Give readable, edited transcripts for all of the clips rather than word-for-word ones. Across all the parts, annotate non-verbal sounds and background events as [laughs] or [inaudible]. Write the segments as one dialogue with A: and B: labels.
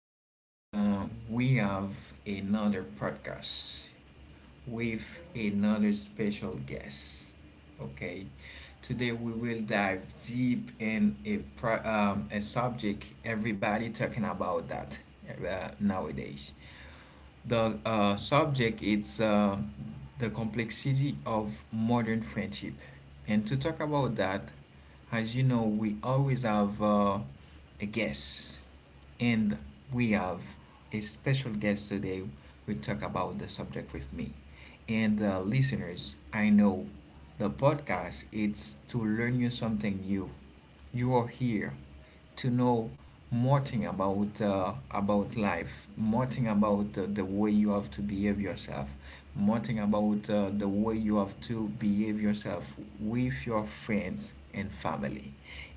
A: Today we have another podcast with another special guest. Okay, today we will dive deep in a subject everybody talking about that nowadays. The subject is the complexity of modern friendship. And to talk about that, as you know, we always have a guest, and we have a special guest today. We talk about the subject with me, and listeners. I know the podcast it's to learn you something new. You are here to know more thing about life, more thing about the way you have to behave yourself, more thing about the way you have to behave yourself with your friends and family.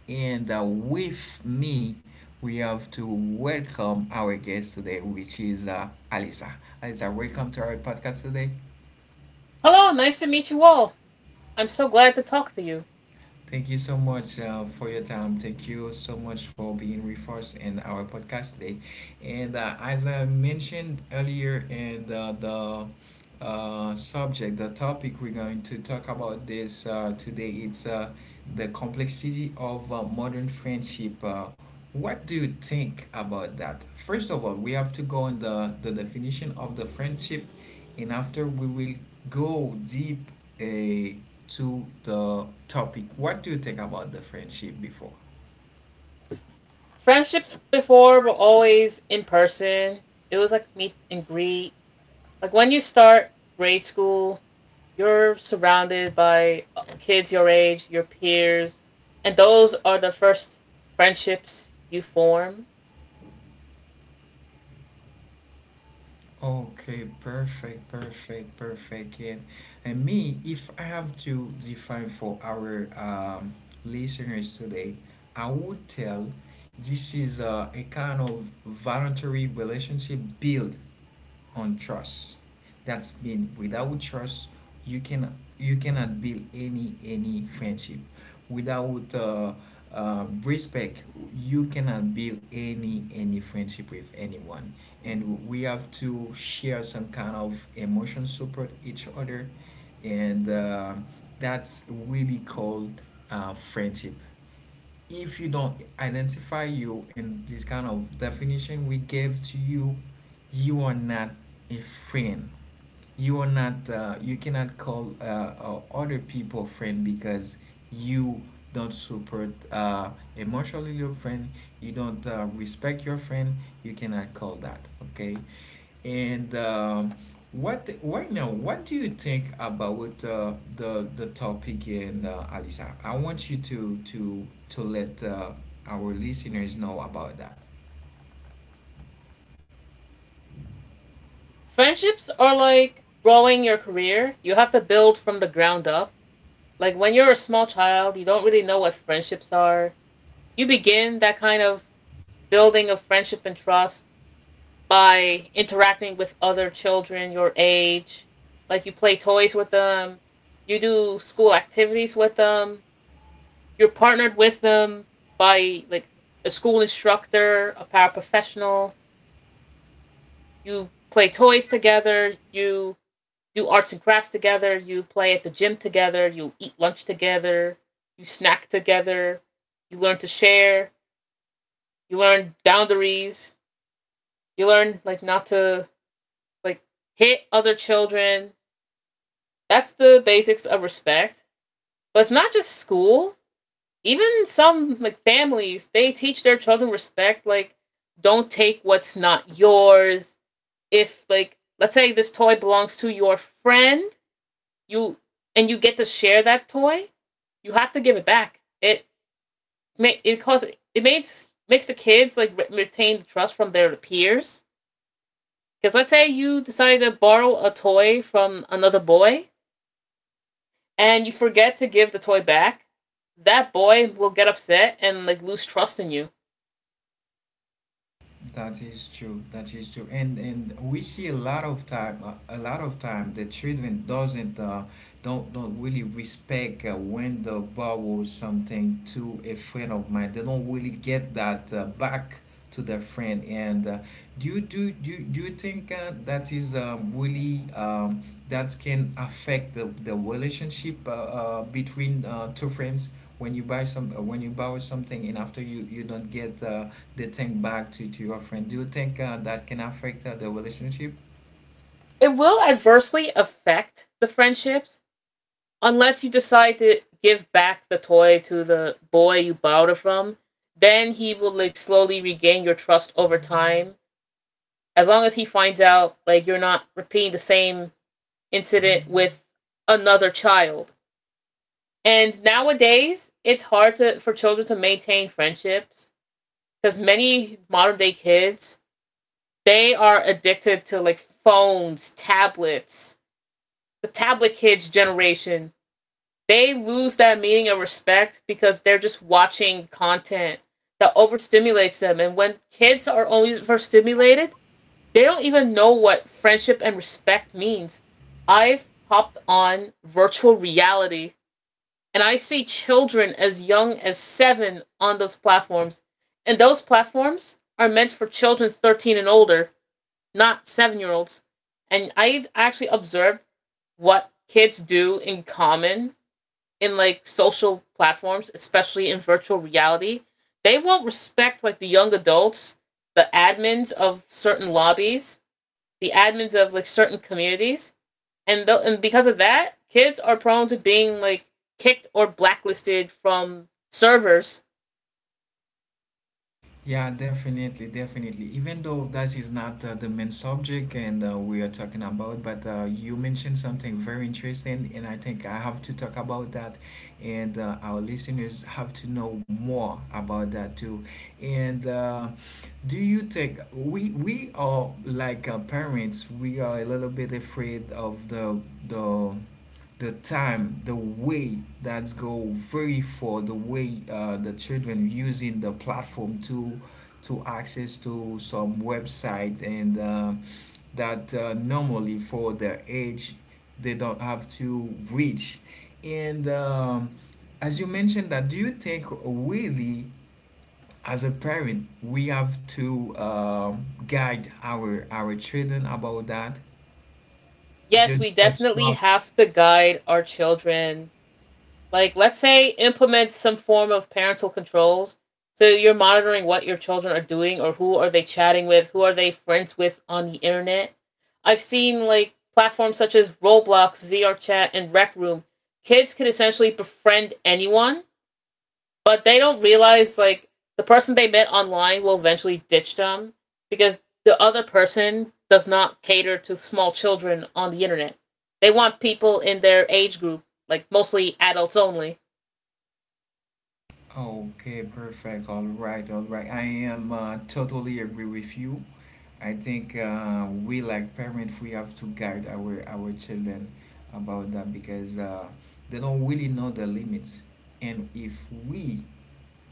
A: And with me, we have to welcome our guest today, which is Alisa. Alisa, welcome to our podcast today.
B: Hello, nice to meet you all. I'm so glad to talk to you.
A: Thank you so much for your time. Thank you so much for being with us in our podcast today. And as I mentioned earlier in the subject, the topic we're going to talk about this today, it's the complexity of modern friendship. What do you think about that? First of all, we have to go on the definition of the friendship and after we will go deep uh, to the topic. What do you think about the friendship before?
B: Friendships before were always in person. It was like meet and greet. Like when you start grade school, you're surrounded by kids your age, your peers, and those are the first friendships you form.
A: Okay, perfect, perfect, perfect. And me, if I have to define for our listeners today, I would tell this is a kind of voluntary relationship built on trust. That's mean without trust, you cannot build any friendship. Without respect, you cannot build any friendship with anyone. And we have to share some kind of emotion support each other, and that's really called friendship if you don't identify you in this kind of definition we gave to you, you are not a friend, you are not you cannot call other people friend because you don't support emotionally your friend, you don't respect your friend, you cannot call that okay. And what right now what do you think about the topic? And Alisa, I want you to let our listeners know about that.
B: Friendships are like growing your career. You have to build from the ground up. Like when you're a small child, you don't really know what friendships are. You begin that kind of building of friendship and trust by interacting with other children your age. Like you play toys with them, you do school activities with them, you're partnered with them by like a school instructor, a paraprofessional, you play toys together, you do arts and crafts together, you play at the gym together, you eat lunch together, you snack together, you learn to share, you learn boundaries, you learn like not to like hit other children. That's the basics of respect. But it's not just school. Even some like families, they teach their children respect. Like, don't take what's not yours. If like let's say this toy belongs to your friend, you and you get to share that toy, you have to give it back. It may it causes it makes makes the kids like retain the trust from their peers. Because let's say you decide to borrow a toy from another boy, and you forget to give the toy back, that boy will get upset and like lose trust in you.
A: That is true. That is true. And we see a lot of time, a lot of time, the children doesn't don't really respect when they borrow something to a friend of mine. They don't really get that back to their friend. And do you think that is really that can affect the relationship between two friends when you buy some when you borrow something and after you you don't get the thing back to your friend? Do you think that can affect the relationship?
B: It will adversely affect the friendships unless you decide to give back the toy to the boy you borrowed it from. Then he will like slowly regain your trust over time. As long as he finds out like you're not repeating the same incident with another child. And nowadays, it's hard to for children to maintain friendships because many modern day kids they are addicted to like phones, tablets. The tablet kids generation, they lose that meaning of respect because they're just watching content that overstimulates them. And when kids are only overstimulated, they don't even know what friendship and respect means. I've hopped on virtual reality and I see children as young as 7 on those platforms. And those platforms are meant for children 13 and older, not 7-year olds. And I actually observed what kids do in common in like social platforms, especially in virtual reality. They won't respect like the young adults, the admins of certain lobbies, the admins of like certain communities. And because of that, kids are prone to being like kicked or blacklisted from servers.
A: Yeah, definitely, definitely. Even though that is not the main subject and we are talking about, but you mentioned something very interesting, and I think I have to talk about that, and our listeners have to know more about that too. And do you think we are like parents? We are a little bit afraid of the the time, the way that's go very for the way the children using the platform to access to some website, and that normally for their age they don't have to reach. And as you mentioned that, do you think really as a parent we have to guide our children about that?
B: Yes, we
A: Just a
B: definitely
A: strong.
B: have to guide our children. Like, let's say implement some form of parental controls. So you're monitoring what your children are doing, or who are they chatting with, who are they friends with on the internet. I've seen like platforms such as Roblox, VR Chat, and Rec Room. Kids can essentially befriend anyone, but they don't realize like the person they met online will eventually ditch them because the other person does not cater to small children on the internet. They want people in their age group, like mostly adults only.
A: Okay, perfect. All right, all right. I am totally agree with you. I think we like parents, we have to guide our children about that because they don't really know the limits. And if we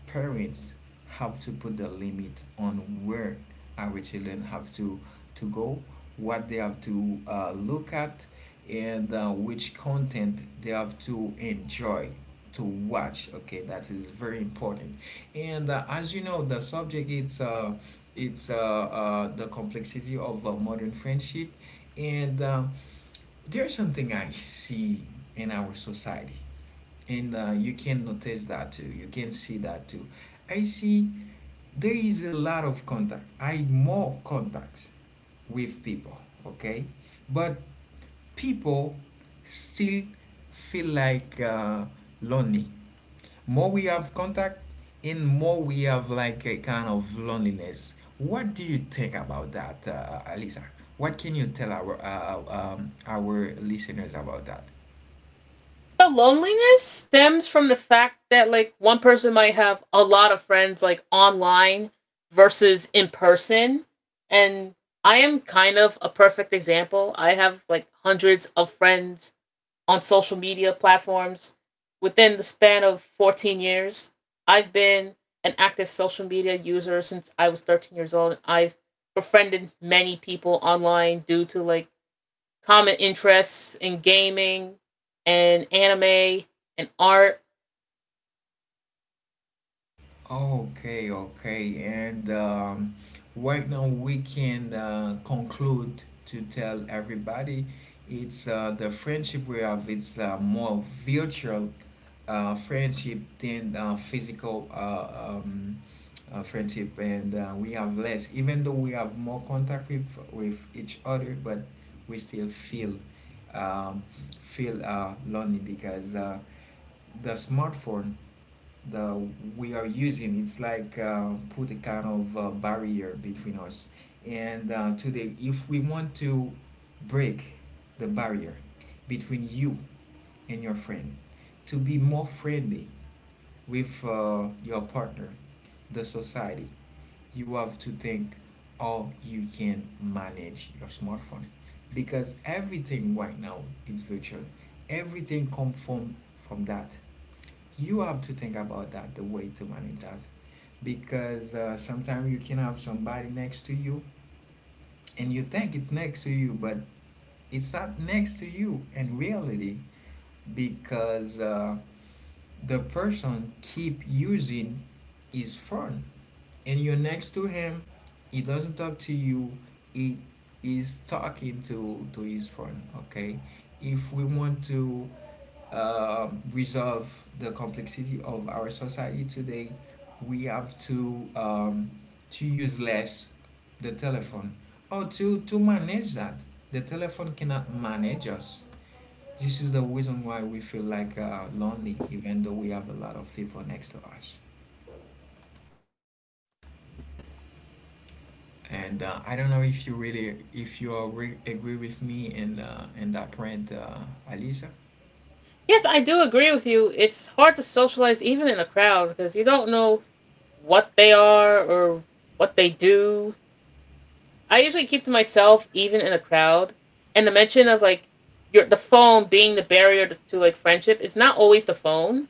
A: parents have to put the limit on where our children have to go, what they have to look at, and which content they have to enjoy to watch. Okay, that is very important. And as you know, the subject it's the complexity of modern friendship, and there's something I see in our society, and you can notice that too, you can see that too. I see there is a lot of contact, I more contacts with people. Okay, but people still feel like lonely. More we have contact and more we have like a kind of loneliness. What do you think about that Alisa? What can you tell our listeners about that?
B: The loneliness stems from the fact that like one person might have a lot of friends like online versus in person. And I am kind of a perfect example. I have like hundreds of friends on social media platforms. Within the span of 14 years, I've been an active social media user since I was 13 years old. I've befriended many people online due to like common interests in gaming and anime and art.
A: Okay, okay. And right now we can conclude to tell everybody it's the friendship we have, it's more virtual friendship than physical friendship. And we have less, even though we have more contact with each other, but we still feel um, feel lonely because the smartphone the we are using it's like put a kind of barrier between us. And today if we want to break the barrier between you and your friend to be more friendly with your partner, the society, you have to think how you can manage your smartphone, because everything right now is virtual, everything come from that. You have to think about that, the way to manage that, because sometimes you can have somebody next to you, and you think it's next to you, but it's not next to you in reality, because the person keep using his phone, and you're next to him, he doesn't talk to you, he is talking to his phone. Okay, if we want to resolve the complexity of our society today, we have to use less the telephone, or to manage that. The telephone cannot manage us. This is the reason why we feel like lonely, even though we have a lot of people next to us. And I don't know if you really if you are agree with me in that point, Alisa.
B: Yes, I do agree with you. It's hard to socialize even in a crowd because you don't know what they are or what they do. I usually keep to myself even in a crowd. And the mention of like your the phone being the barrier to like friendship is not always the phone.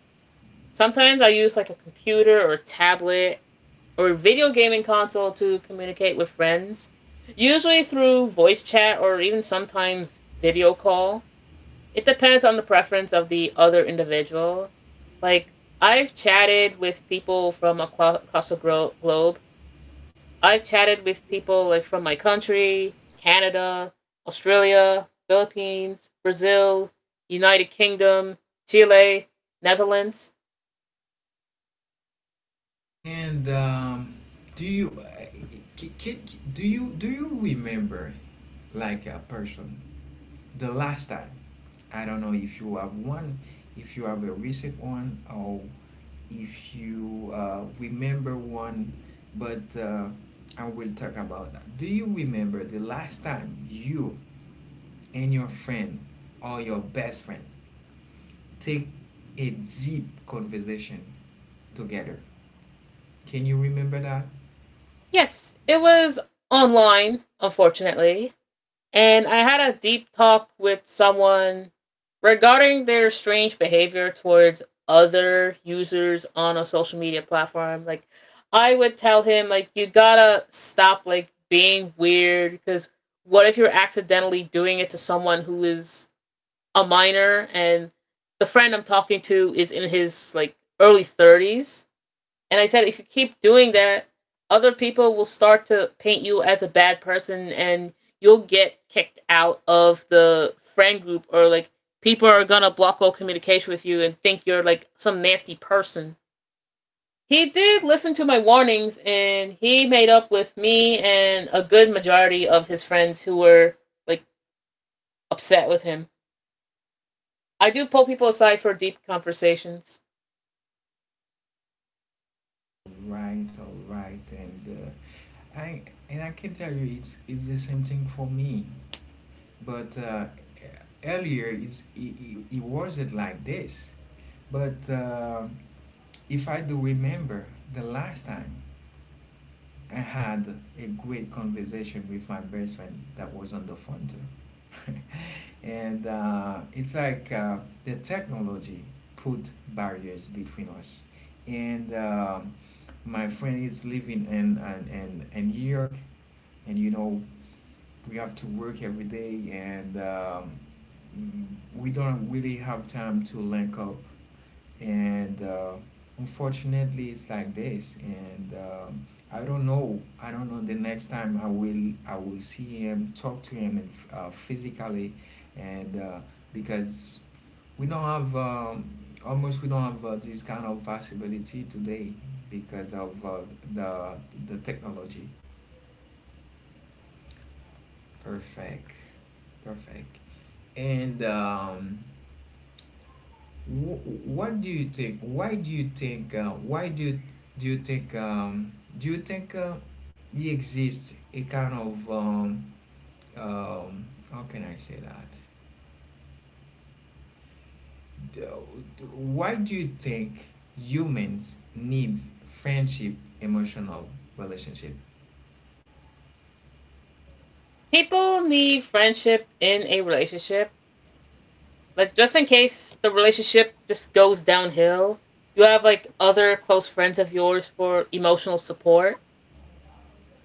B: Sometimes I use like a computer or a tablet or a video gaming console to communicate with friends, usually through voice chat or even sometimes video call. It depends on the preference of the other individual. Like, I've chatted with people from across the globe. I've chatted with people like from my country, Canada, Australia, Philippines, Brazil, United Kingdom, Chile, Netherlands.
A: And do you c- c- do you do you remember like a person the last time? I don't know if you have one, if you have a recent one, or if you remember one, but I will talk about that. Do you remember the last time you and your friend or your best friend take a deep conversation together? Can you remember that?
B: Yes, it was online, unfortunately. And I had a deep talk with someone regarding their strange behavior towards other users on a social media platform. Like, I would tell him, like, you gotta stop, like, being weird because what if you're accidentally doing it to someone who is a minor, and the friend I'm talking to is in his, like, early 30s? And I said, if you keep doing that, other people will start to paint you as a bad person, and you'll get kicked out of the friend group, or like people are gonna block all communication with you and think you're like some nasty person. He did listen to my warnings and he made up with me and a good majority of his friends who were like upset with him. I do pull people aside for deep conversations.
A: Right, all right, and I and I can tell you it's the same thing for me, but earlier it's, it wasn't like this, but if I do remember the last time, I had a great conversation with my best friend that was on the phone too. [laughs] And it's like the technology put barriers between us. And my friend is living in New York, and you know we have to work every day, and mm, we don't really have time to link up. And unfortunately it's like this. And I don't know, I don't know the next time I will I will see him, talk to him, and physically. And because we don't have almost we don't have this kind of possibility today because of the the technology. Perfect, perfect. And what do you think? Why do you think? Do you think? Um, do you think it exists a kind of how can I say that? Why do you think humans need friendship, emotional relationship?
B: People need friendship in a relationship. Like just in case the relationship just goes downhill, you have like other close friends of yours for emotional support.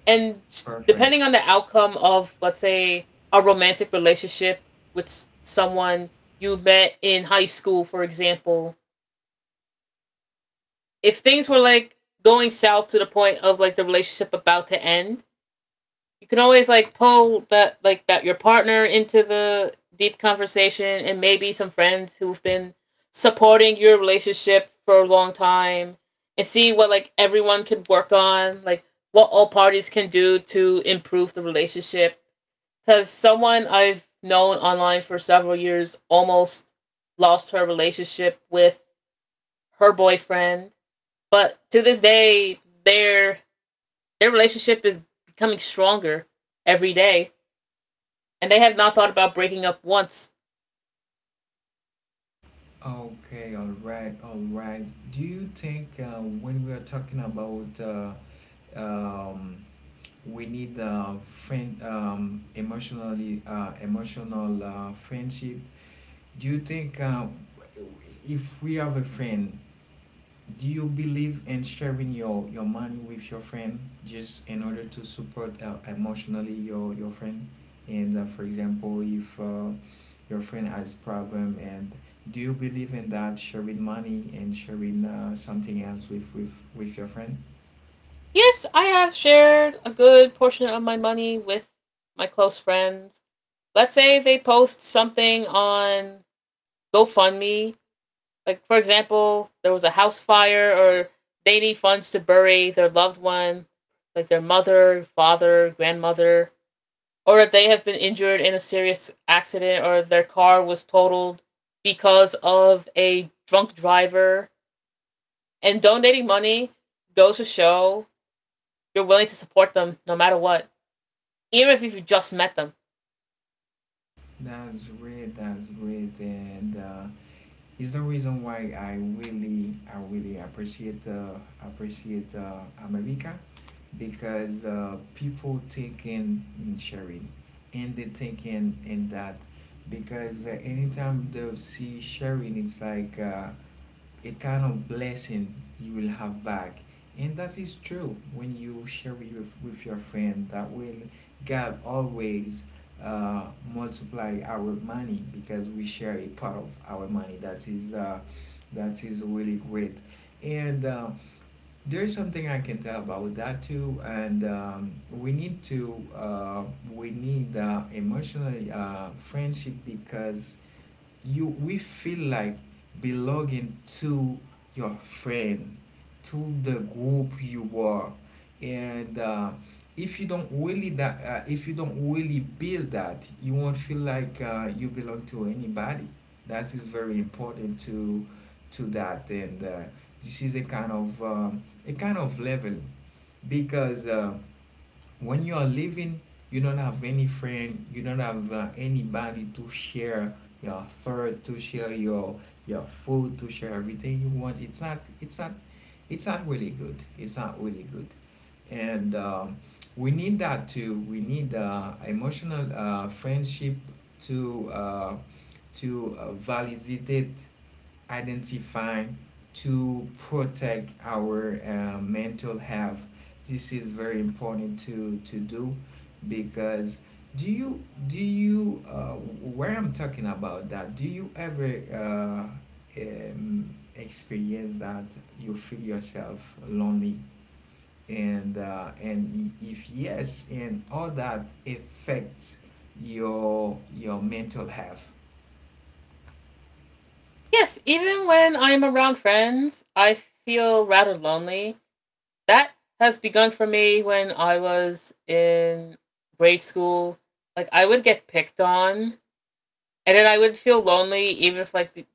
B: And
A: Perfect.
B: depending on the outcome of let's say a romantic relationship with someone you met in high school, for example, if things were like going south to the point of like the relationship about to end, you can always like pull that like that your partner into the deep conversation, and maybe some friends who've been supporting your relationship for a long time, and see what like everyone could work on, like what all parties can do to improve the relationship. Because someone I've known online for several years almost lost her relationship with her boyfriend, but to this day their their relationship is becoming stronger every day, and they have not thought about breaking up once.
A: Okay. All right. All right. Do you think when we are talking about um, we need a friend emotionally emotional friendship, do you think if we have a friend, do you believe in sharing your money with your friend, just in order to support emotionally your friend? And for example if your friend has problem, and do you believe in that, sharing money and sharing something else with your friend?
B: Yes, I have shared a good portion of my money with my close friends. Let's say they post something on GoFundMe. Like, for example, there was a house fire, or they need funds to bury their loved one, like their mother, father, grandmother, or if they have been injured in a serious accident, or their car was totaled because of a drunk driver. And donating money goes to show you're willing to support them no matter what, even if you just met them.
A: That's great, that's great. And it's the reason why I really appreciate appreciate America, because people think in sharing, and they think in that, because anytime they see sharing, it's like a kind of blessing you will have back. And that is true, when you share with your friend, that will God always uh, multiply our money, because we share a part of our money. That is really great. And there is something I can tell about that too. And we need to we need emotional friendship because you we feel like belonging to your friend, to the group you are, and if you don't really that if you don't really build that, you won't feel like you belong to anybody. That is very important to that. And this is a kind of level, because when you are living, you don't have any friend, you don't have anybody to share your thought, to share your food, to share everything you want. It's not it's not it's not really good, it's not really good. And we need that too. We need emotional friendship to uh, to validate, identify, to protect our mental health. This is very important to do, because do you do you where I'm talking about that? Do you ever experience that you feel yourself lonely? And if yes, and all that affects your mental health.
B: Yes, even when I'm around friends, I feel rather lonely. That has begun for me when I was in grade school. Like I would get picked on, and then I would feel lonely, even if like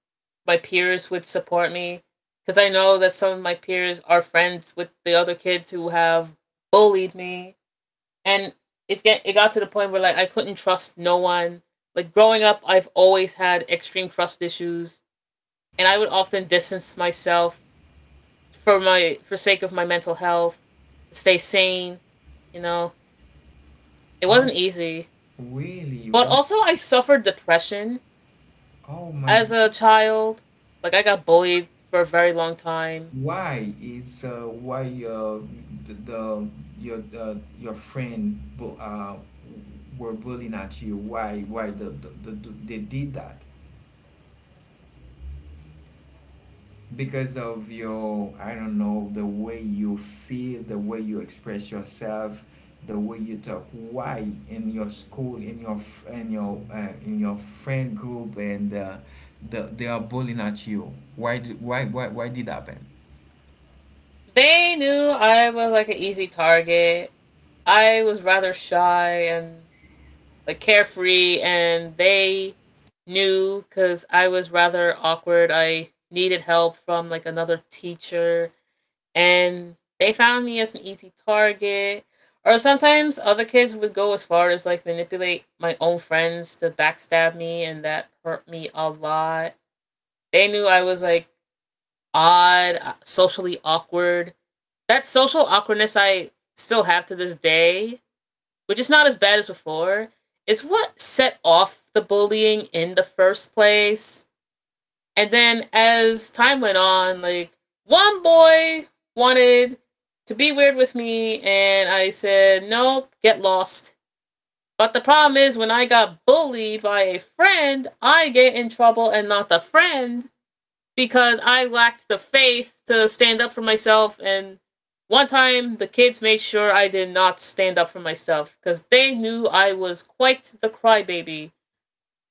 B: my peers would support me, because I know that some of my peers are friends with the other kids who have bullied me. And it got to the point where like I couldn't trust no one. Like growing up, I've always had extreme trust issues, and I would often distance myself for sake of my mental health, to stay sane. You know, it
A: Oh,
B: wasn't easy,
A: really?
B: but also I suffered depression
A: Oh my.
B: as a child. Like I got bullied for a very long time.
A: Why it's why uh, the your friend were bullying at you? Why they did that? Because of your I don't know, the way you feel, the way you express yourself, the way you talk. Why in your school, in your f- in your friend group, they are bullying at you? Why did happen?
B: They knew I was like an easy target. I was rather shy and like carefree, and they knew because I was rather awkward. I needed help from like another teacher, and they found me as an easy target. Or sometimes other kids would go as far as like manipulate my own friends to backstab me, and that hurt me a lot. They knew I was like odd, socially awkward. That social awkwardness I still have to this day, which is not as bad as before, is what set off the bullying in the first place. And then as time went on, like one boy wanted to be weird with me, and I said, nope, get lost. But the problem is, when I got bullied by a friend, I get in trouble and not the friend, because I lacked the faith to stand up for myself. And one time, the kids made sure I did not stand up for myself because they knew I was quite the crybaby.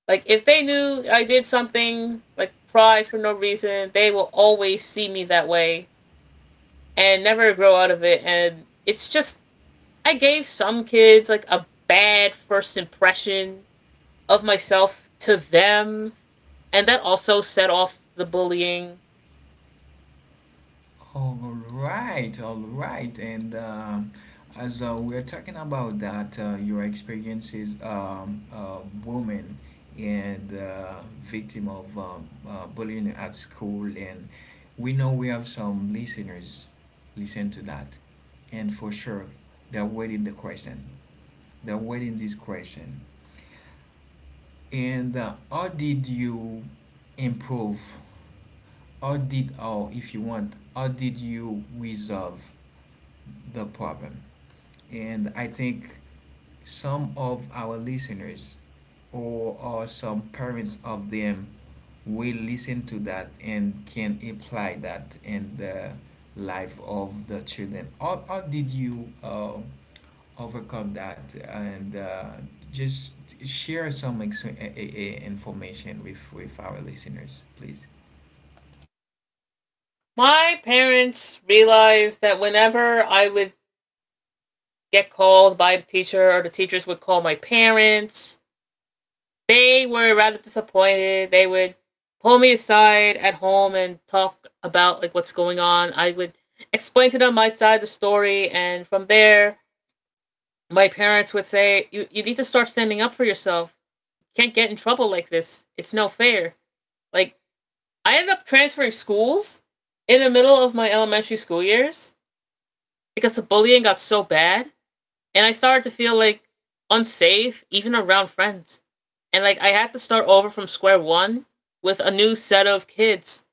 B: Like, if they knew I did something, like cry for no reason, they will always see me that way and never grow out of it. And it's just, I gave some kids like a bad first impression of myself to them. And that also set off the bullying.
A: All right, all right. And as we're talking about that, your experiences, woman and victim of bullying at school, and we know we have some listeners listen to that. And for sure, they're waiting the question. They're waiting this question. And how did you improve? How did, or if you want, how did you resolve the problem? And I think some of our listeners or some parents of them will listen to that and can apply that in the life of the children. How did you overcome that, and just share some information with our listeners, please?
B: My parents realized that whenever I would get called by the teacher, or the teachers would call my parents, they were rather disappointed. They would pull me aside at home and talk about like what's going on. I would explain to them my side of the story, and from there my parents would say, You need to start standing up for yourself. You can't get in trouble like this. It's no fair." Like, I ended up transferring schools in the middle of my elementary school years because the bullying got so bad, and I started to feel like unsafe even around friends. And like I had to start over from square one with a new set of kids.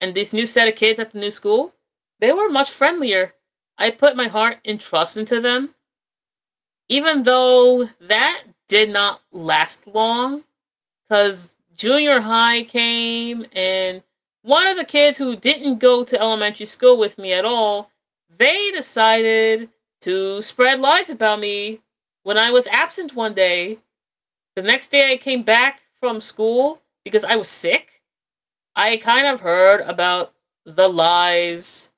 B: And this new set of kids at the new school, they were much friendlier. I put my heart and trust into them, even though that did not last long because junior high came and one of the kids who didn't go to elementary school with me at all, they decided to spread lies about me when I was absent one day. The next day I came back from school because I was sick. I kind of heard about the lies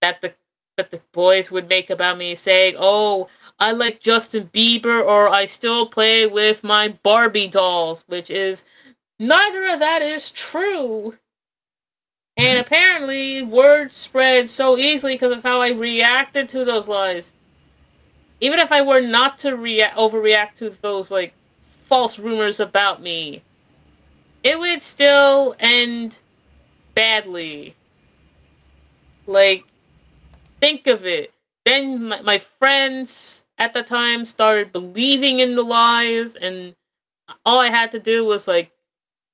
B: that the boys would make about me saying, "Oh, I like Justin Bieber, or I still play with my Barbie dolls," which is, neither of that is true. And
A: Mhm.
B: apparently, word spread so easily because of how I reacted to those lies. Even if I were not to overreact to those like false rumors about me, it would still end badly. Like, think of it. Then my friends at the time started believing in the lies, and all I had to do was like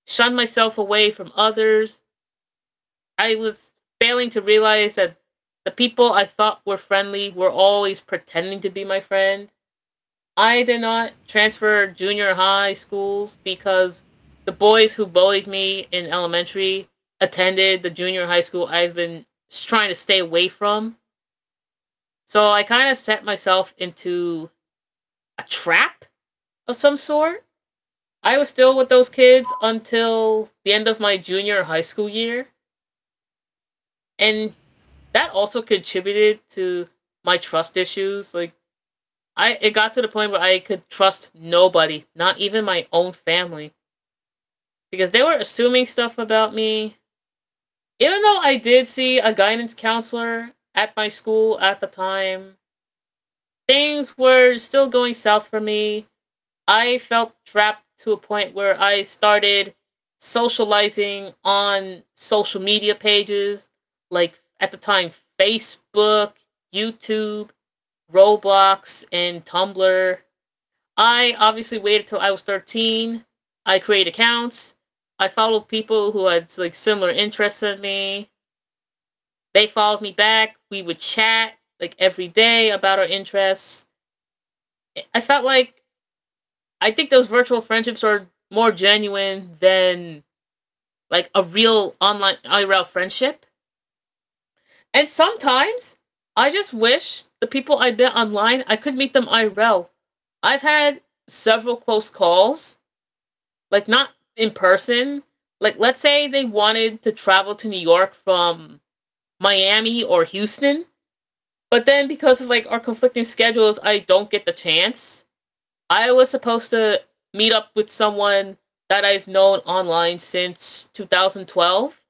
B: shun myself away from others. I was failing to realize that the people I thought were friendly were always pretending to be my friend. I did not transfer junior high schools because the boys who bullied me in elementary attended the junior high school I've been trying to stay away from. So I kind of set myself into a trap of some sort. I was still with those kids until the end of my junior high school year. And that also contributed to my trust issues. Like, I it got to the point where I could trust nobody, not even my own family, because they were assuming stuff about me. Even though I did see a guidance counselor at my school at the time, things were still going south for me. I felt trapped to a point where I started socializing on social media pages, like at the time Facebook, YouTube, Roblox, and Tumblr. I obviously waited till I was 13. I created accounts. I followed people who had like similar interests in me. They followed me back. We would chat like every day about our interests. I felt like I think those virtual friendships are more genuine than like a real online IRL friendship. And sometimes I just wish the people I met online I could meet them IRL. I've had several close calls, like not in person. Like, let's say they wanted to travel to New York from Miami or Houston, but then because of like our conflicting schedules, I don't get the chance. I was supposed to meet up with someone that I've known online since 2012,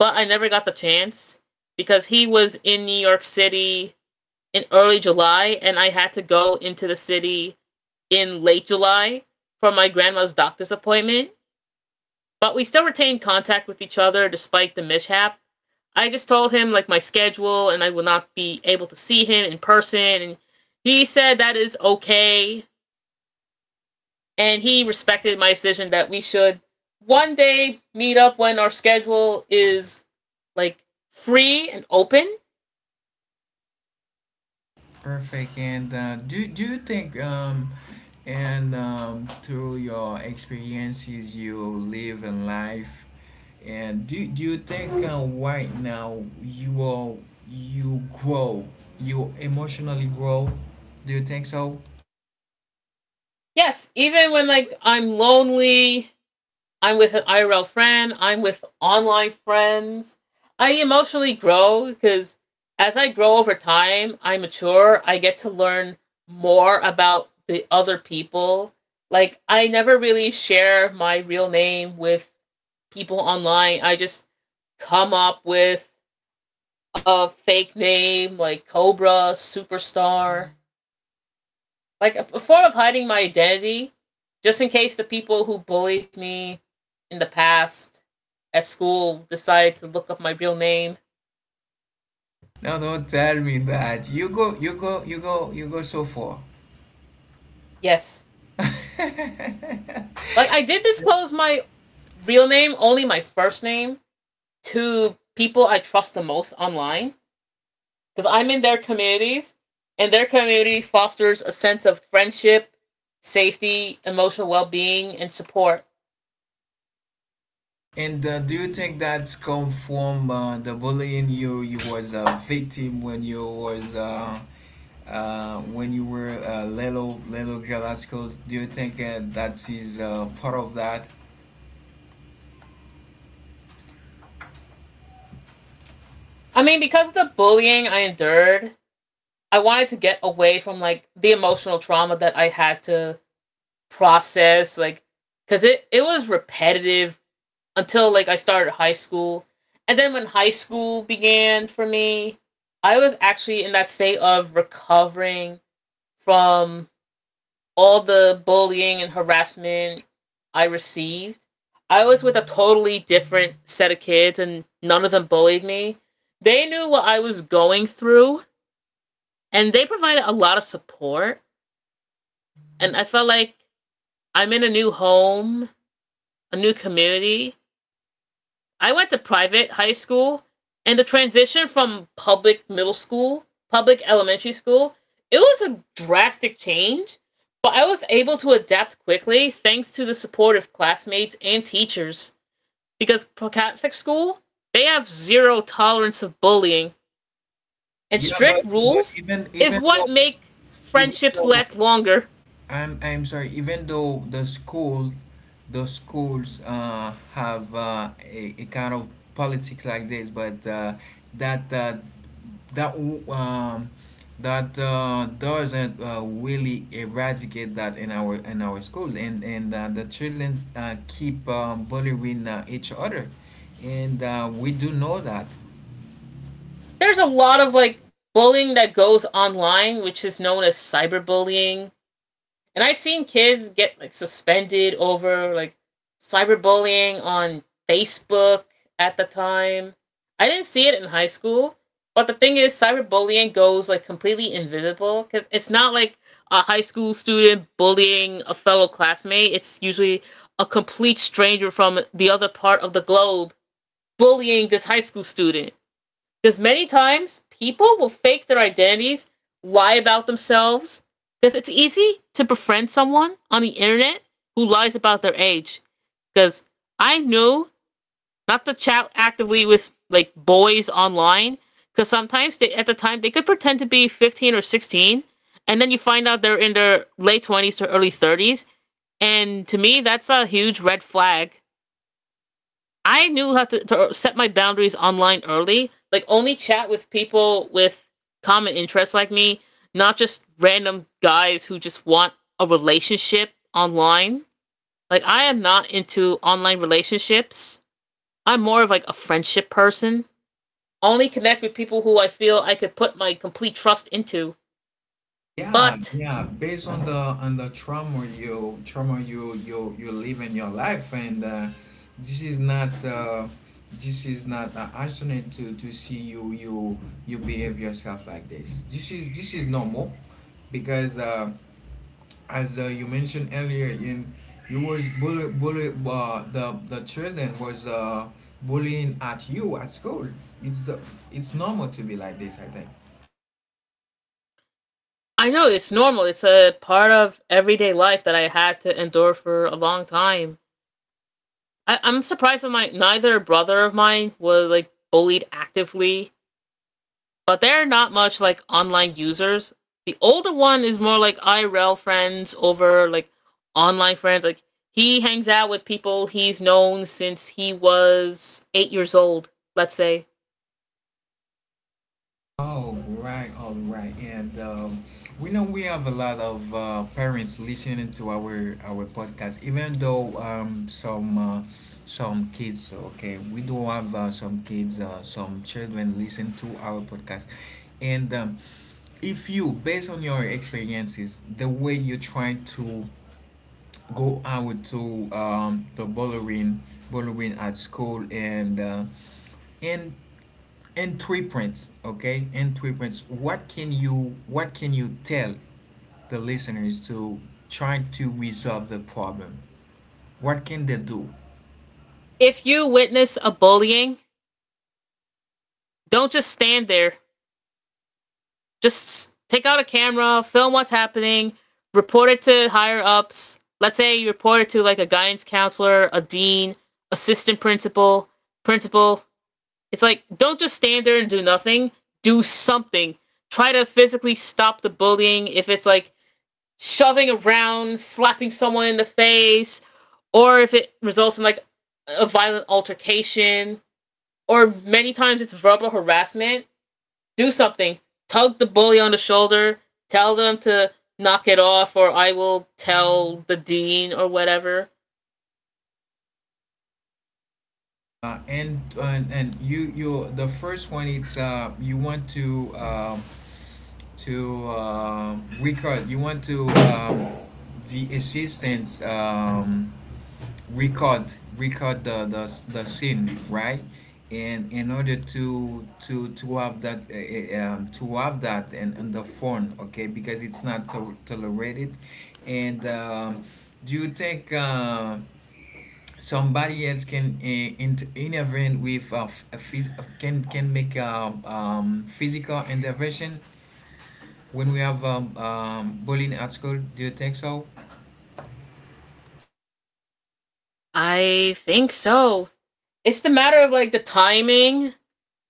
B: but I never got the chance because he was in New York City in early July, and I had to go into the city in late July for my grandma's doctor's appointment. But we still retained contact with each other despite the mishap. I just told him like my schedule and I will not be able to see him in person, and he said that is okay and he respected my decision that we should one day meet up when our schedule is like free and open.
A: Perfect. And do you think and through your experiences you live in life, and do you think right now you grow you emotionally grow? Do you think so?
B: Yes, even when like I'm lonely, I'm with an IRL friend. I'm with online friends. I emotionally grow because as I grow over time, I mature. I get to learn more about the other people. Like, I never really share my real name with people online. I just come up with a fake name like Cobra, Superstar, like a form of hiding my identity, just in case the people who bullied me in the past at school decide to look up my real name.
A: No, don't tell me that. You go, you go, you go, you go so far.
B: Yes, like I did disclose my real name, only my first name, to people I trust the most online because I'm in their communities, and their community fosters a sense of friendship, safety, emotional well being, and support.
A: And do you think that's come from the bullying you was a victim, when you was when you were a little, little girl at school? Do you think that is part of that?
B: I mean, because of the bullying I endured, I wanted to get away from like the emotional trauma that I had to process, like because it was repetitive until like I started high school, and then when high school began for me, I was actually in that state of recovering from all the bullying and harassment I received. I was with a totally different set of kids, and none of them bullied me. They knew what I was going through, and they provided a lot of support. And I felt like I'm in a new home, a new community. I went to private high school, and the transition from public middle school, public elementary school, it was a drastic change, but I was able to adapt quickly thanks to the support of classmates and teachers. Because Catholic school, they have zero tolerance of bullying, and
A: Yeah,
B: strict
A: but
B: rules is what makes
A: even
B: friendships
A: though,
B: last longer.
A: I'm sorry. Even though the schools have a kind of politics like this, but that uh, that um, that doesn't really eradicate that in our school, and the children keep bullying each other, and we do know that.
B: There's a lot of like bullying that goes online, which is known as cyberbullying. And I've seen kids get like suspended over like cyberbullying on Facebook at the time. I didn't see it in high school, but the thing is, cyberbullying goes like completely invisible because it's not like a high school student bullying a fellow classmate. It's usually a complete stranger from the other part of the globe bullying this high school student. Because many times people will fake their identities, lie about themselves. Because it's easy to befriend someone on the internet who lies about their age. Because I know not to chat actively with like boys online. Because sometimes they, at the time they could pretend to be 15 or 16. And then you find out they're in their late 20s to early 30s. And to me, that's a huge red flag. I knew how to set my boundaries online early. Like only chat with people with common interests like me, not just random guys who just want a relationship online. Like, I am not into online relationships. I'm more of like a friendship person. Only connect with people who I feel I could put my complete trust into.
A: Yeah,
B: But
A: yeah. Based on the, on the trauma, you live in your life, and this is not uh, this is not an accident to see you behave yourself like this. This is normal, because as you mentioned earlier, in, you was bully bully the children was bullying at you at school. It's uh, it's normal to be like this, I think.
B: I know it's normal. It's a part of everyday life that I had to endure for a long time. I'm surprised that my neither brother of mine was like bullied actively, but they're not much like online users. The older one is more like IRL friends over like online friends. Like he hangs out with people he's known since he was 8 years old, let's say.
A: All right, and we know we have a lot of parents listening to our podcast. Even though some kids, okay, we do have some kids, some children listen to our podcast. And if you, based on your experiences, the way you try to go out to the bowling at school, and in three prints, okay? In three prints, what can you tell the listeners to try to resolve the problem? What can they do?
B: If you witness a bullying, don't just stand there. Just take out a camera, film what's happening, report it to higher ups. Let's say you report it to like a guidance counselor, a dean, assistant principal, principal. It's like, don't just stand there and do nothing. Do something. Try to physically stop the bullying if it's like shoving around, slapping someone in the face, or if it results in like a violent altercation, or many times it's verbal harassment. Do something. Tug the bully on the shoulder. Tell them to knock it off, or I will tell the dean or whatever.
A: And you the first one, it's you want to record you want to the assistance, record the scene, right? And in order to have that to have that and on the phone, okay, because it's not tolerated. And do you think somebody else can intervene with f- a phys- can make physical intervention when we have bullying at school, do you think so?
B: I think so. It's the matter of like the timing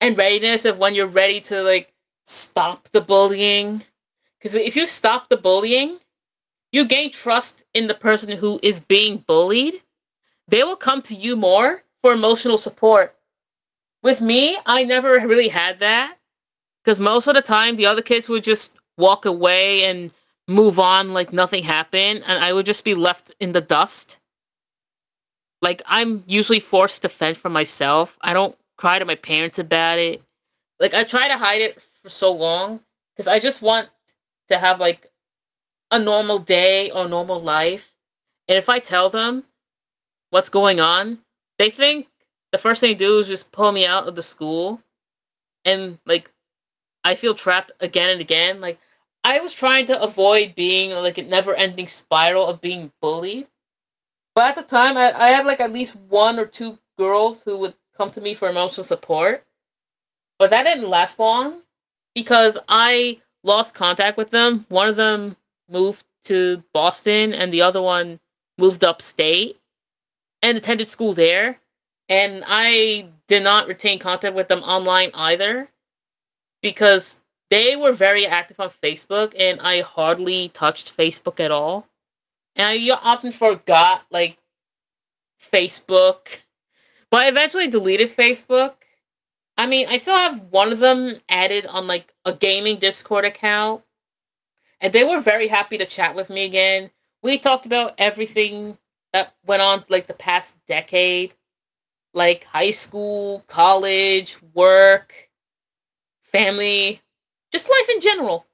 B: and readiness of when you're ready to like stop the bullying. Because if you stop the bullying, you gain trust in the person who is being bullied. They will come to you more for emotional support. With me, I never really had that. Because most of the time, the other kids would just walk away and move on like nothing happened, and I would just be left in the dust. Like, I'm usually forced to fend for myself. I don't cry to my parents about it. Like, I try to hide it for so long because I just want to have like a normal day or normal life. And if I tell them what's going on, they think the first thing they do is just pull me out of the school, and like I feel trapped again and again. Like I was trying to avoid being like a never ending spiral of being bullied. But at the time, I had like at least one or two girls who would come to me for emotional support. But that didn't last long because I lost contact with them. One of them moved to Boston and the other one moved upstate and attended school there. And I did not retain contact with them online either because they were very active on Facebook, and I hardly touched Facebook at all. And I, yeah, often forgot like Facebook, but I eventually deleted Facebook. I mean, I still have one of them added on like a gaming Discord account, and they were very happy to chat with me again. We talked about everything that went on like the past decade, like high school, college, work, family, just life in general.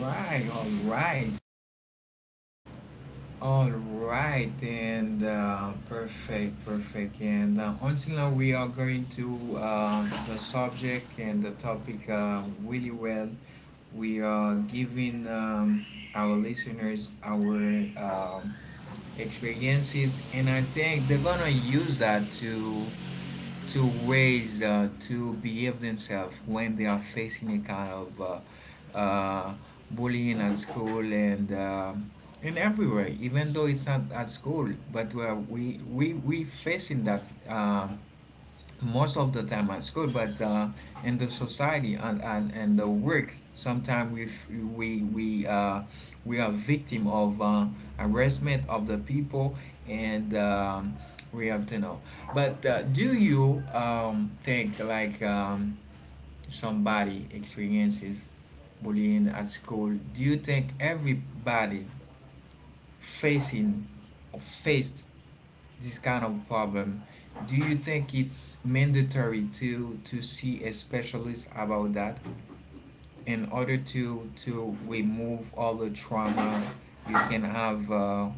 A: Right. All right. All right, and perfect, perfect. And until now, we are going to the subject and the topic really well. We are giving our listeners our experiences, and I think they're gonna use that to ways to behave themselves when they are facing a kind of uh, bullying at school, and in everywhere, even though it's not at school, but we facing that most of the time at school, but in the society, and the work. Sometimes we f- we we uh, we are victim of harassment of the people, and we have to know. But do you think like somebody experiences bullying at school? Do you think everybody facing or faced this kind of problem, do you think it's mandatory to see a specialist about that in order to remove all the trauma you can have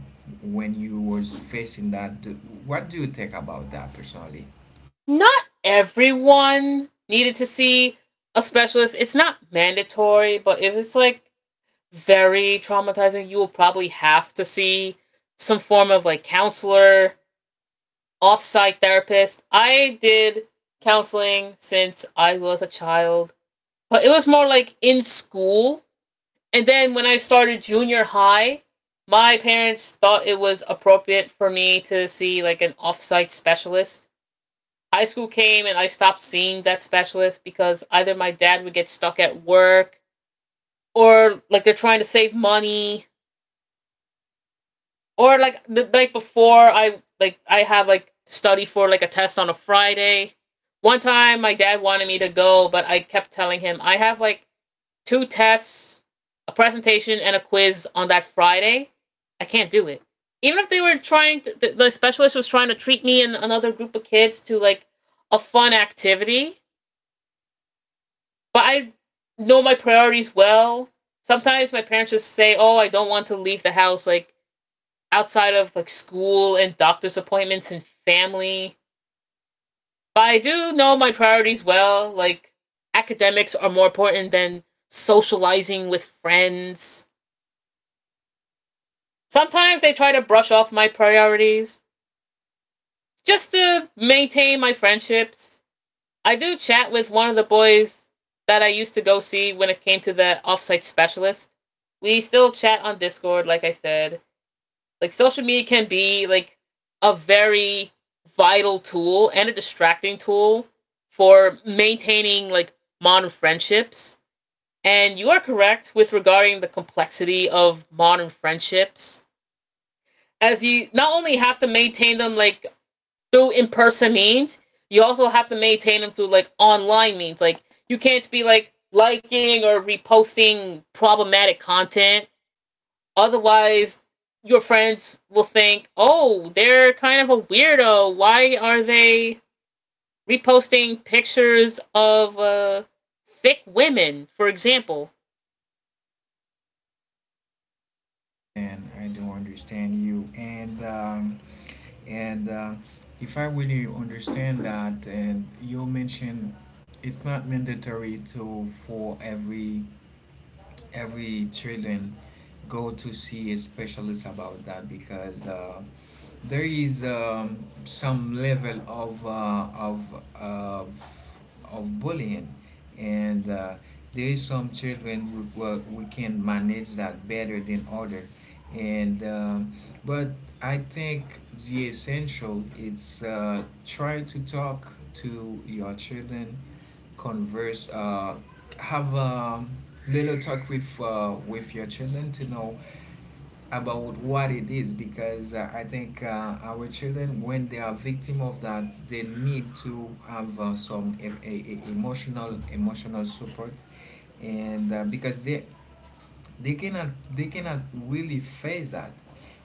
A: when you was facing that? What do you think about that personally?
B: Not everyone needed to see a specialist. It's not mandatory, but if it's like very traumatizing, you will probably have to see some form of like counselor, off site therapist. I did counseling since I was a child, but it was more like in school. And then when I started junior high, my parents thought it was appropriate for me to see like an off site specialist. High school came and I stopped seeing that specialist because either my dad would get stuck at work or like they're trying to save money or like the night before I have like study for like a test on a Friday. One time my dad wanted me to go, but I kept telling him I have like two tests, a presentation and a quiz on that Friday. I can't do it. Even if they were trying to, the specialist was trying to treat me and another group of kids to like a fun activity, but I know my priorities well. Sometimes my parents just say, "Oh, I don't want to leave the house like outside of like school and doctor's appointments and family." But I do know my priorities well. Like academics are more important than socializing with friends. Sometimes they try to brush off my priorities just to maintain my friendships. I do chat with one of the boys that I used to go see when it came to the offsite specialist. We still chat on Discord, like I said. Like social media can be like a very vital tool and a distracting tool for maintaining like modern friendships. And you are correct with regarding the complexity of modern friendships. As you not only have to maintain them like through in person means, you also have to maintain them through like online means. Like you can't be like liking or reposting problematic content. Otherwise, your friends will think, oh, they're kind of a weirdo. Why are they reposting pictures of thick women, for example?
A: And I do understand you. And if I really understand that, and you mentioned it's not mandatory to for every children go to see a specialist about that, because there is some level of bullying, and there is some children who can manage that better than other, and but I think the essential is try to talk to your children, converse, have a little talk with your children to know about what it is, because I think our children, when they are victim of that, they need to have some emotional support, and because they cannot they cannot really face that.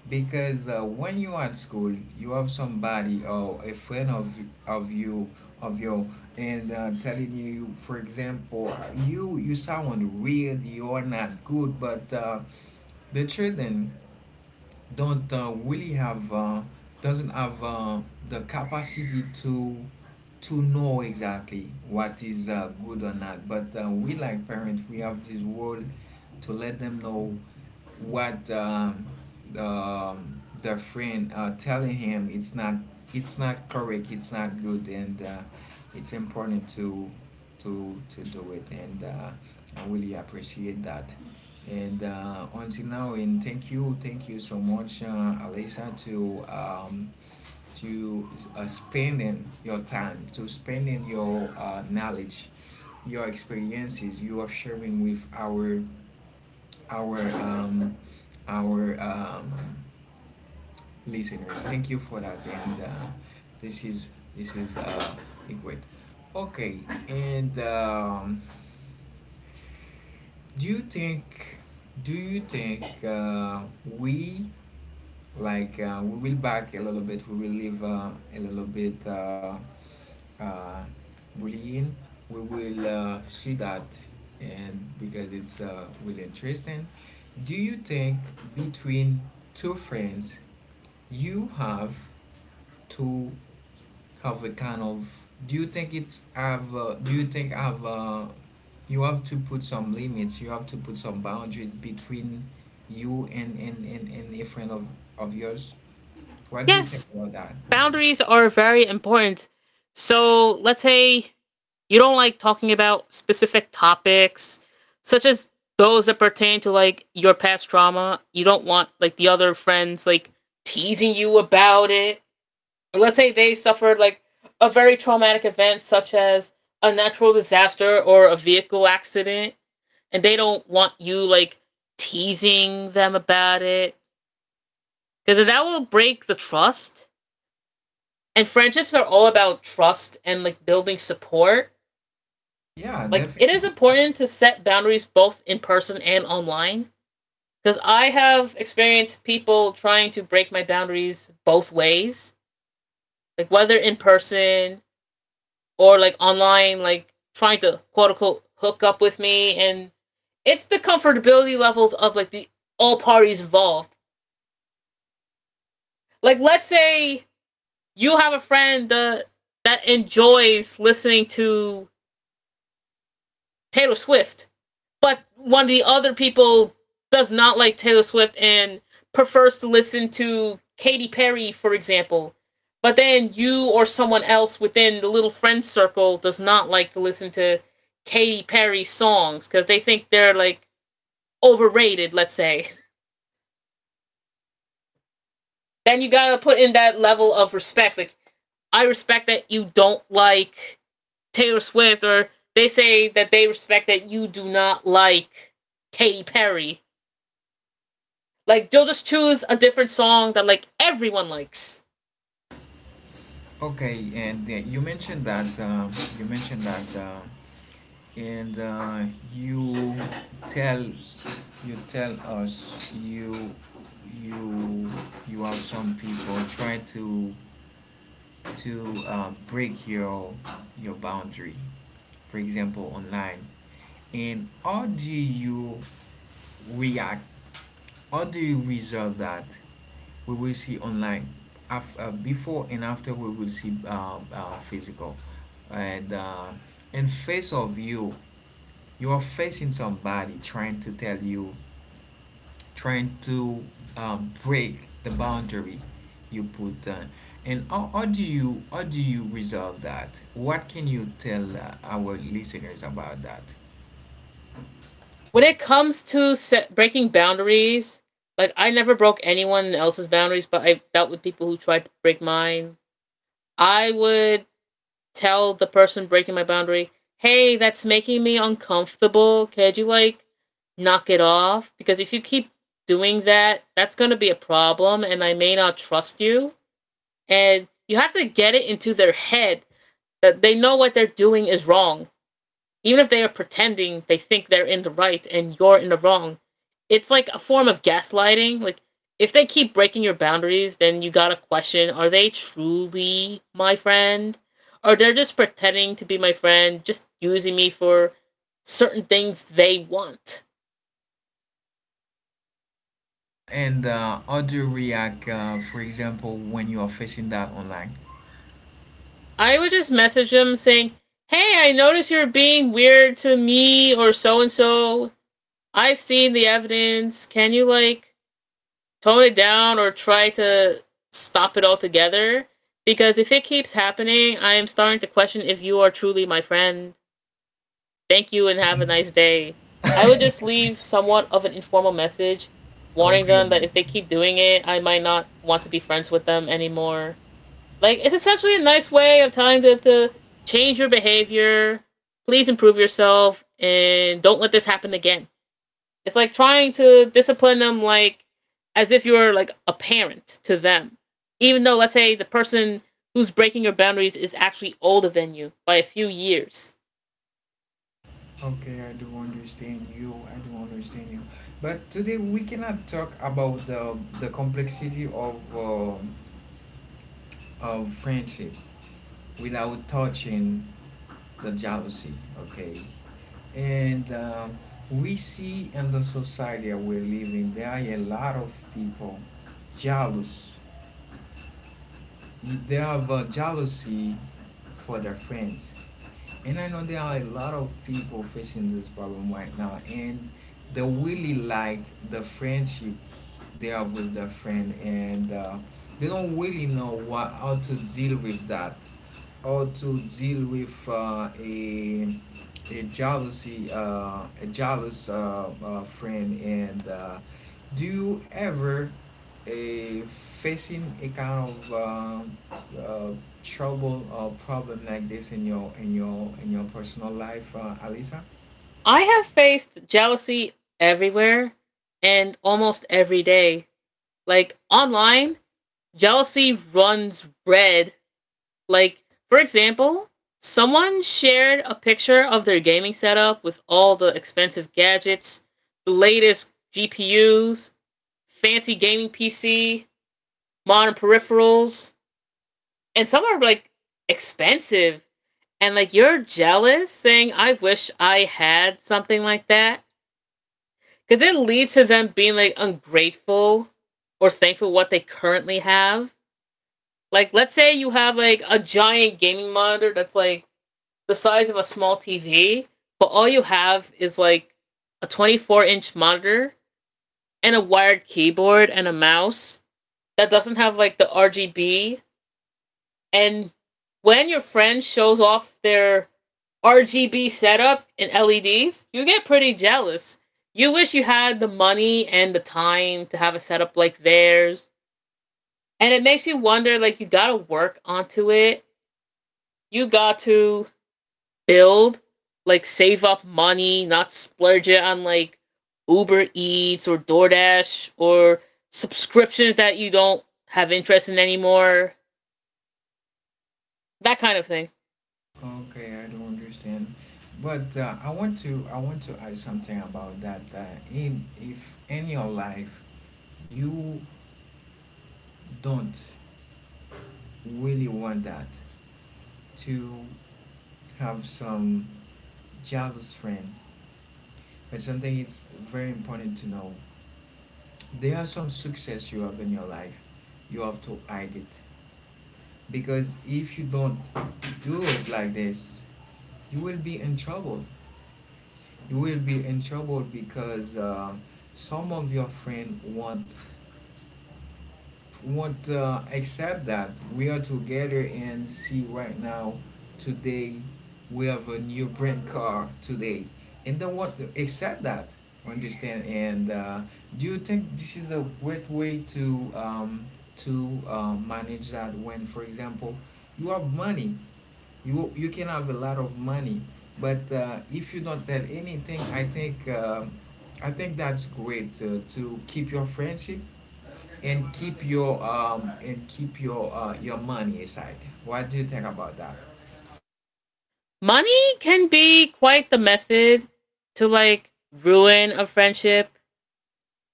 A: Because when you at school, you have somebody or a friend of you of you and telling you, for example, you sound weird, you are not good, but the children don't really have doesn't have the capacity to know exactly what is good or not, but we like parents, we have this role to let them know what the friend telling him, it's not correct, it's not good, and it's important to do it, and I really appreciate that. And until now. And thank you, so much, Alisa, to to spending your time, to spending your knowledge, your experiences you are sharing with our um, our listeners. Thank you for that. And this is this is liquid. Okay. And do you think, we, like, we will back a little bit? We will leave a little bit uh, bullying, we will see that, and because it's really interesting. Do you think between two friends you have to have a kind of? Do you think it's have? Do you think have? You have to put some limits. You have to put some boundaries between you and a friend of yours. What do you think
B: Yes,
A: about that?
B: boundaries are very important. So let's say you don't like talking about specific topics, such as those that pertain to like your past trauma. You don't want like the other friends like teasing you about it. Let's say they suffered like a very traumatic event, such as a natural disaster or a vehicle accident, and they don't want you like teasing them about it because that will break the trust and friendships are all about trust and like building support.
A: Yeah,
B: Like it is
A: definitely.
B: important to set boundaries both in person and online because I have experienced people trying to break my boundaries both ways, like whether in person or like online, like trying to quote unquote hook up with me. And it's the comfortability levels of like the all parties involved. Like let's say you have a friend that enjoys listening to Taylor Swift but one of the other people does not like Taylor Swift and prefers to listen to Katy Perry, for example. But then you or someone else within the little friend circle does not like to listen to Katy Perry songs because they think they're like overrated, let's say. [laughs] Then you gotta put in that level of respect. Like, I respect that you don't like Taylor Swift, or they say that they respect that you do not like Katy Perry. Like they'll just choose a different song that like everyone likes.
A: Okay, and you mentioned that, and you tell you tell us, you you have some people try to break your boundary, for example, online. And how do you react? How do you resolve that? We will see online. After Before and after, we will see physical. And in face of you, you are facing somebody trying to tell you, trying to break the boundary you put. And how do you resolve that? What can you tell our listeners about that?
B: When it comes to set, breaking boundaries, like I never broke anyone else's boundaries, but I dealt with people who tried to break mine. I would tell the person breaking my boundary, "Hey, that's making me uncomfortable. Could you like knock it off? Because if you keep doing that, that's going to be a problem and I may not trust you." And you have to get it into their head that they know what they're doing is wrong, even if they are pretending they think they're in the right and you're in the wrong. It's like a form of gaslighting. Like if they keep breaking your boundaries, then you gotta question: Are they truly my friend, or they're just pretending to be my friend, just using me for certain things they want?
A: And how do you react, for example, when you are facing that online?
B: I would just message them saying, "Hey, I notice you're being weird to me or so and so. I've seen the evidence. Can you like?" Tone it down or try to stop it altogether because if it keeps happening, I am starting to question if you are truly my friend. Thank you and have a nice day. I would just leave somewhat of an informal message warning
A: Okay.
B: them that if they keep doing it, I might not want to be friends with them anymore. Like, it's essentially a nice way of telling them to change your behavior, please improve yourself, and don't let this happen again. It's like trying to discipline them like as if you're like a parent to them. Even though let's say the person who's breaking your boundaries is actually older than you by a few years.
A: Okay, I do understand you. I do understand you. But today we cannot talk about the complexity of friendship without touching the jealousy. Okay, and we see in the society that we're living, there are a lot of people jealous. They have a jealousy for their friends. And I know there are a lot of people facing this problem right now, and they really like the friendship they have with their friend, and they don't really know what how to deal with that, how to deal with a jealous friend. And Do you ever uh, facing a kind of uh, trouble or problem like this in your personal life, Alisa?
B: I have faced jealousy everywhere and almost every day. Like online, jealousy runs red. Like for example, someone shared a picture of their gaming setup with all the expensive gadgets, the latest GPUs, fancy gaming PC, modern peripherals, and some are like expensive. And like you're jealous saying, I wish I had something like that. Because it leads to them being like ungrateful or thankful for what they currently have. Like, let's say you have like a giant gaming monitor that's like the size of a small TV, but all you have is like a 24-inch monitor and a wired keyboard and a mouse that doesn't have like the RGB. And when your friend shows off their RGB setup and LEDs, you get pretty jealous. You wish you had the money and the time to have a setup like theirs. And it makes you wonder like, you gotta work onto it. You got to build, like, save up money, not splurge it on like Uber Eats or DoorDash or subscriptions that you don't have interest in anymore. That kind of thing.
A: Okay, I don't understand. But I want to add something about that. In if in your life you don't really want that to have some jealous friend, but something it's very important to know. There are some success you have in your life. You have to hide it. Because if you don't do it like this, you will be in trouble. You will be in trouble because some of your friend want won't accept that. We are together and see right now, today, we have a new brand car today, and don't want to accept that. Understand? And Do you think this is a great way to manage that? When, for example, you have money, you can have a lot of money, but if you don't tell anything, I think that's great to keep your friendship and keep your money aside. What do you think about that?
B: Money can be quite the method to like ruin a friendship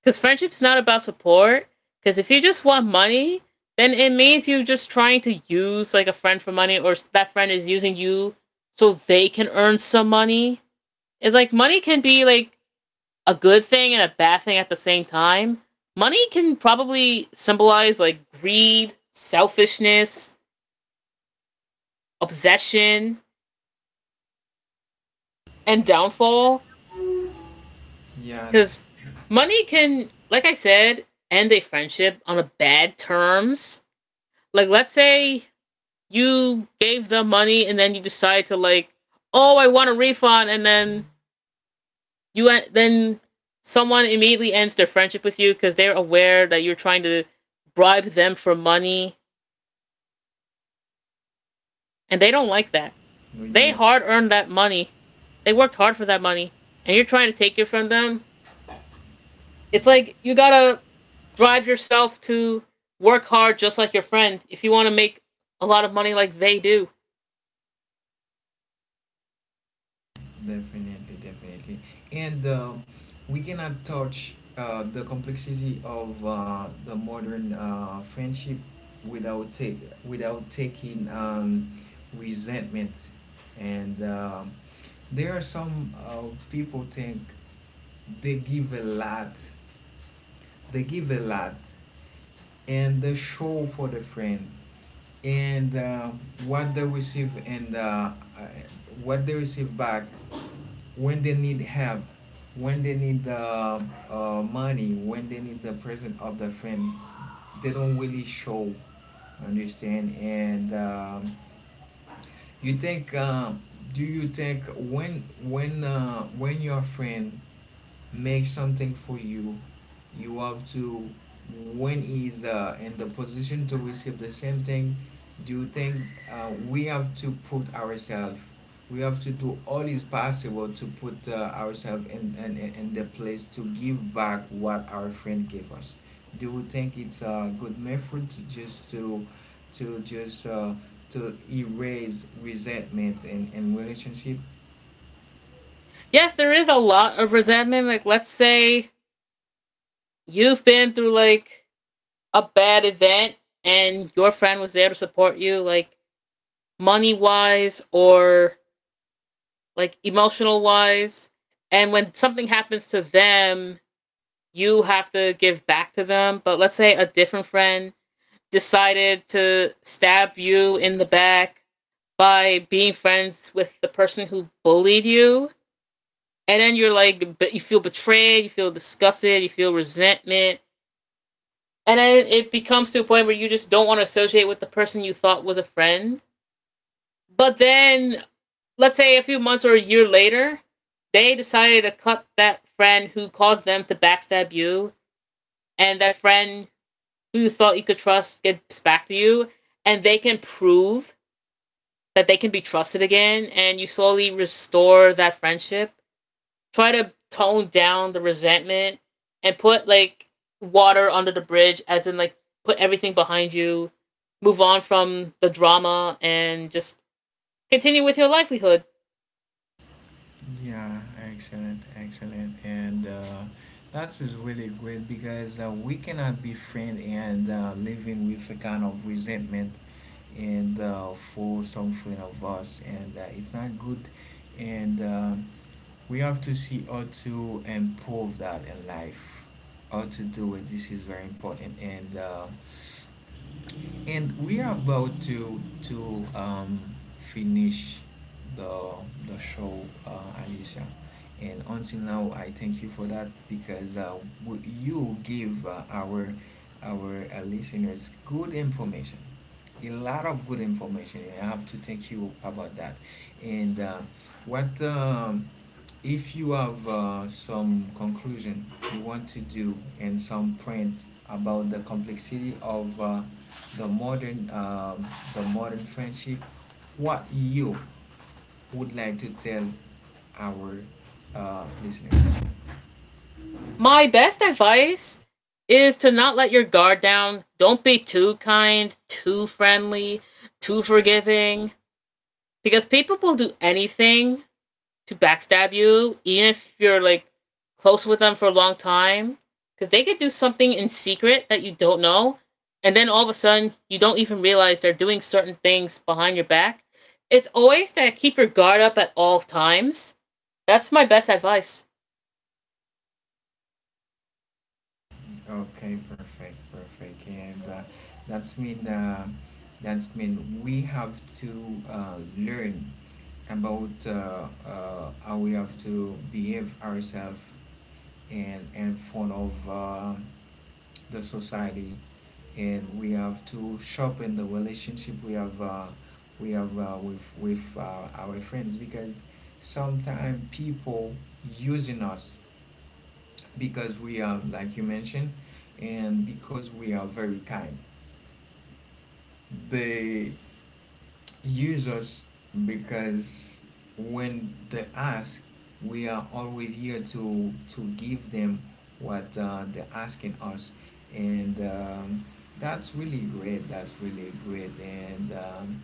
B: because friendship's not about support. Because if you just want money, then it means you're just trying to use like a friend for money, or that friend is using you so they can earn some money. It's like money can be like a good thing and a bad thing at the same time. Money can probably symbolize like greed, selfishness, obsession, and downfall.
A: Yeah, this,
B: Because money can, like I said, end a friendship on a bad terms. Like, let's say you gave them money and then you decide to like, oh, I want a refund, and then then someone immediately ends their friendship with you because they're aware that you're trying to bribe them for money, and they don't like that.
A: yeah,
B: They
A: yeah,
B: hard earned that money. They worked hard for that money, and you're trying to take it from them. It's like you gotta drive yourself to work hard just like your friend if you want to make a lot of money like they do.
A: definitely, definitely. And We cannot touch the complexity of the modern friendship without take without taking resentment. And There are some people think they give a lot they give a lot and they show for the friend and uh, and uh, what they receive back when they need help when they need money, when they need the present of the friend they don't really show. Understand? And you think Do you think when your friend make something for you, you have to, when he's in the position to receive the same thing, do you think uh, we have to put ourselves we have to do all is possible to put ourselves in the place to give back what our friend gave us? Do you think it's a good method to just to erase resentment in relationship?
B: Yes, there is a lot of resentment. Like, let's say you've been through like a bad event and your friend was there to support you, like money wise or like emotional wise. And when something happens to them, you have to give back to them. But let's say a different friend decided to stab you in the back by being friends with the person who bullied you. And then you're like, but you feel betrayed, you feel disgusted, you feel resentment. And then it becomes to a point where you just don't want to associate with the person you thought was a friend. But then, let's say a few months or a year later, they decided to cut that friend who caused them to backstab you. And that friend who you thought you could trust gets back to you. And they can prove that they can be trusted again. And you slowly restore that friendship, try to tone down the resentment and put like water under the bridge, as in like put everything behind you, move on from the drama, and just continue with your livelihood.
A: Yeah, excellent, excellent, and that is really great because we cannot be friend and living with a kind of resentment and for some friend of us, and it's not good. And We have to see how to improve that in life, how to do it. This is very important, and we are about to finish the the show, Alicia. And until now, I thank you for that because you give our listeners good information, a lot of good information. I have to thank you about that. And what If you have some conclusion you want to do and some print about the complexity of the modern um, the modern friendship? What you would like to tell our listeners?
B: My best advice is to not let your guard down. Don't be too kind, too friendly, too forgiving, because people will do anything to backstab you, even if you're like close with them for a long time, because they could do something in secret that you don't know, and then all of a sudden you don't even realize they're doing certain things behind your back. It's always to keep your guard up at all times. That's my best advice.
A: Okay, perfect, perfect. And that's mean uh, that's mean we have to learn about how we have to behave ourselves and in front of the society, and we have to sharpen the relationship we have with our friends, because sometimes people using us because we are like you mentioned, and because we are very kind, they use us because when they ask, we are always here to give them what they're asking us. And That's really great, that's really great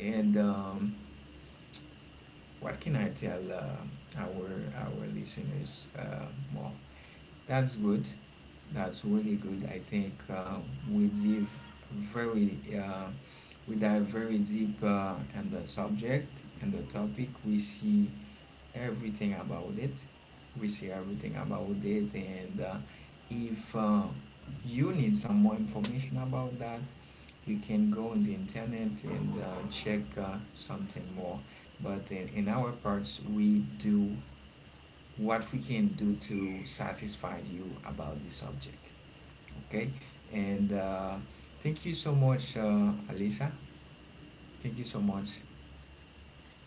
A: and what can I tell our listeners more? That's good. That's really good. I think we dive very uh, we dive very deep in the subject and the topic. We see everything about it. We see everything about it, and if you need some more information about that, you can go on the internet and check something more. But in our parts, we do what we can do to satisfy you about this subject. Okay? And thank you so much, Alisa. Thank you so much.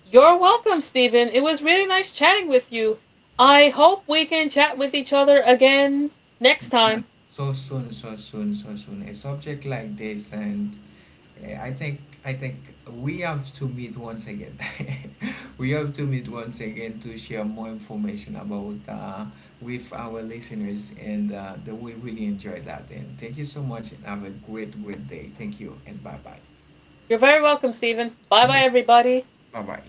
B: You're welcome, Stephen. It was really nice chatting with you. I hope we can chat with each other again next
A: Yeah.
B: time.
A: So soon, so soon, so soon. A subject like this, and I think we have to meet once again. [laughs] We have to meet once again to share more information about with our listeners, and they will really enjoy that. And thank you so much, and have a great, great day. Thank you, and bye bye.
B: You're very welcome, Stephen. Bye bye,
A: Bye.
B: everybody.
A: Bye bye.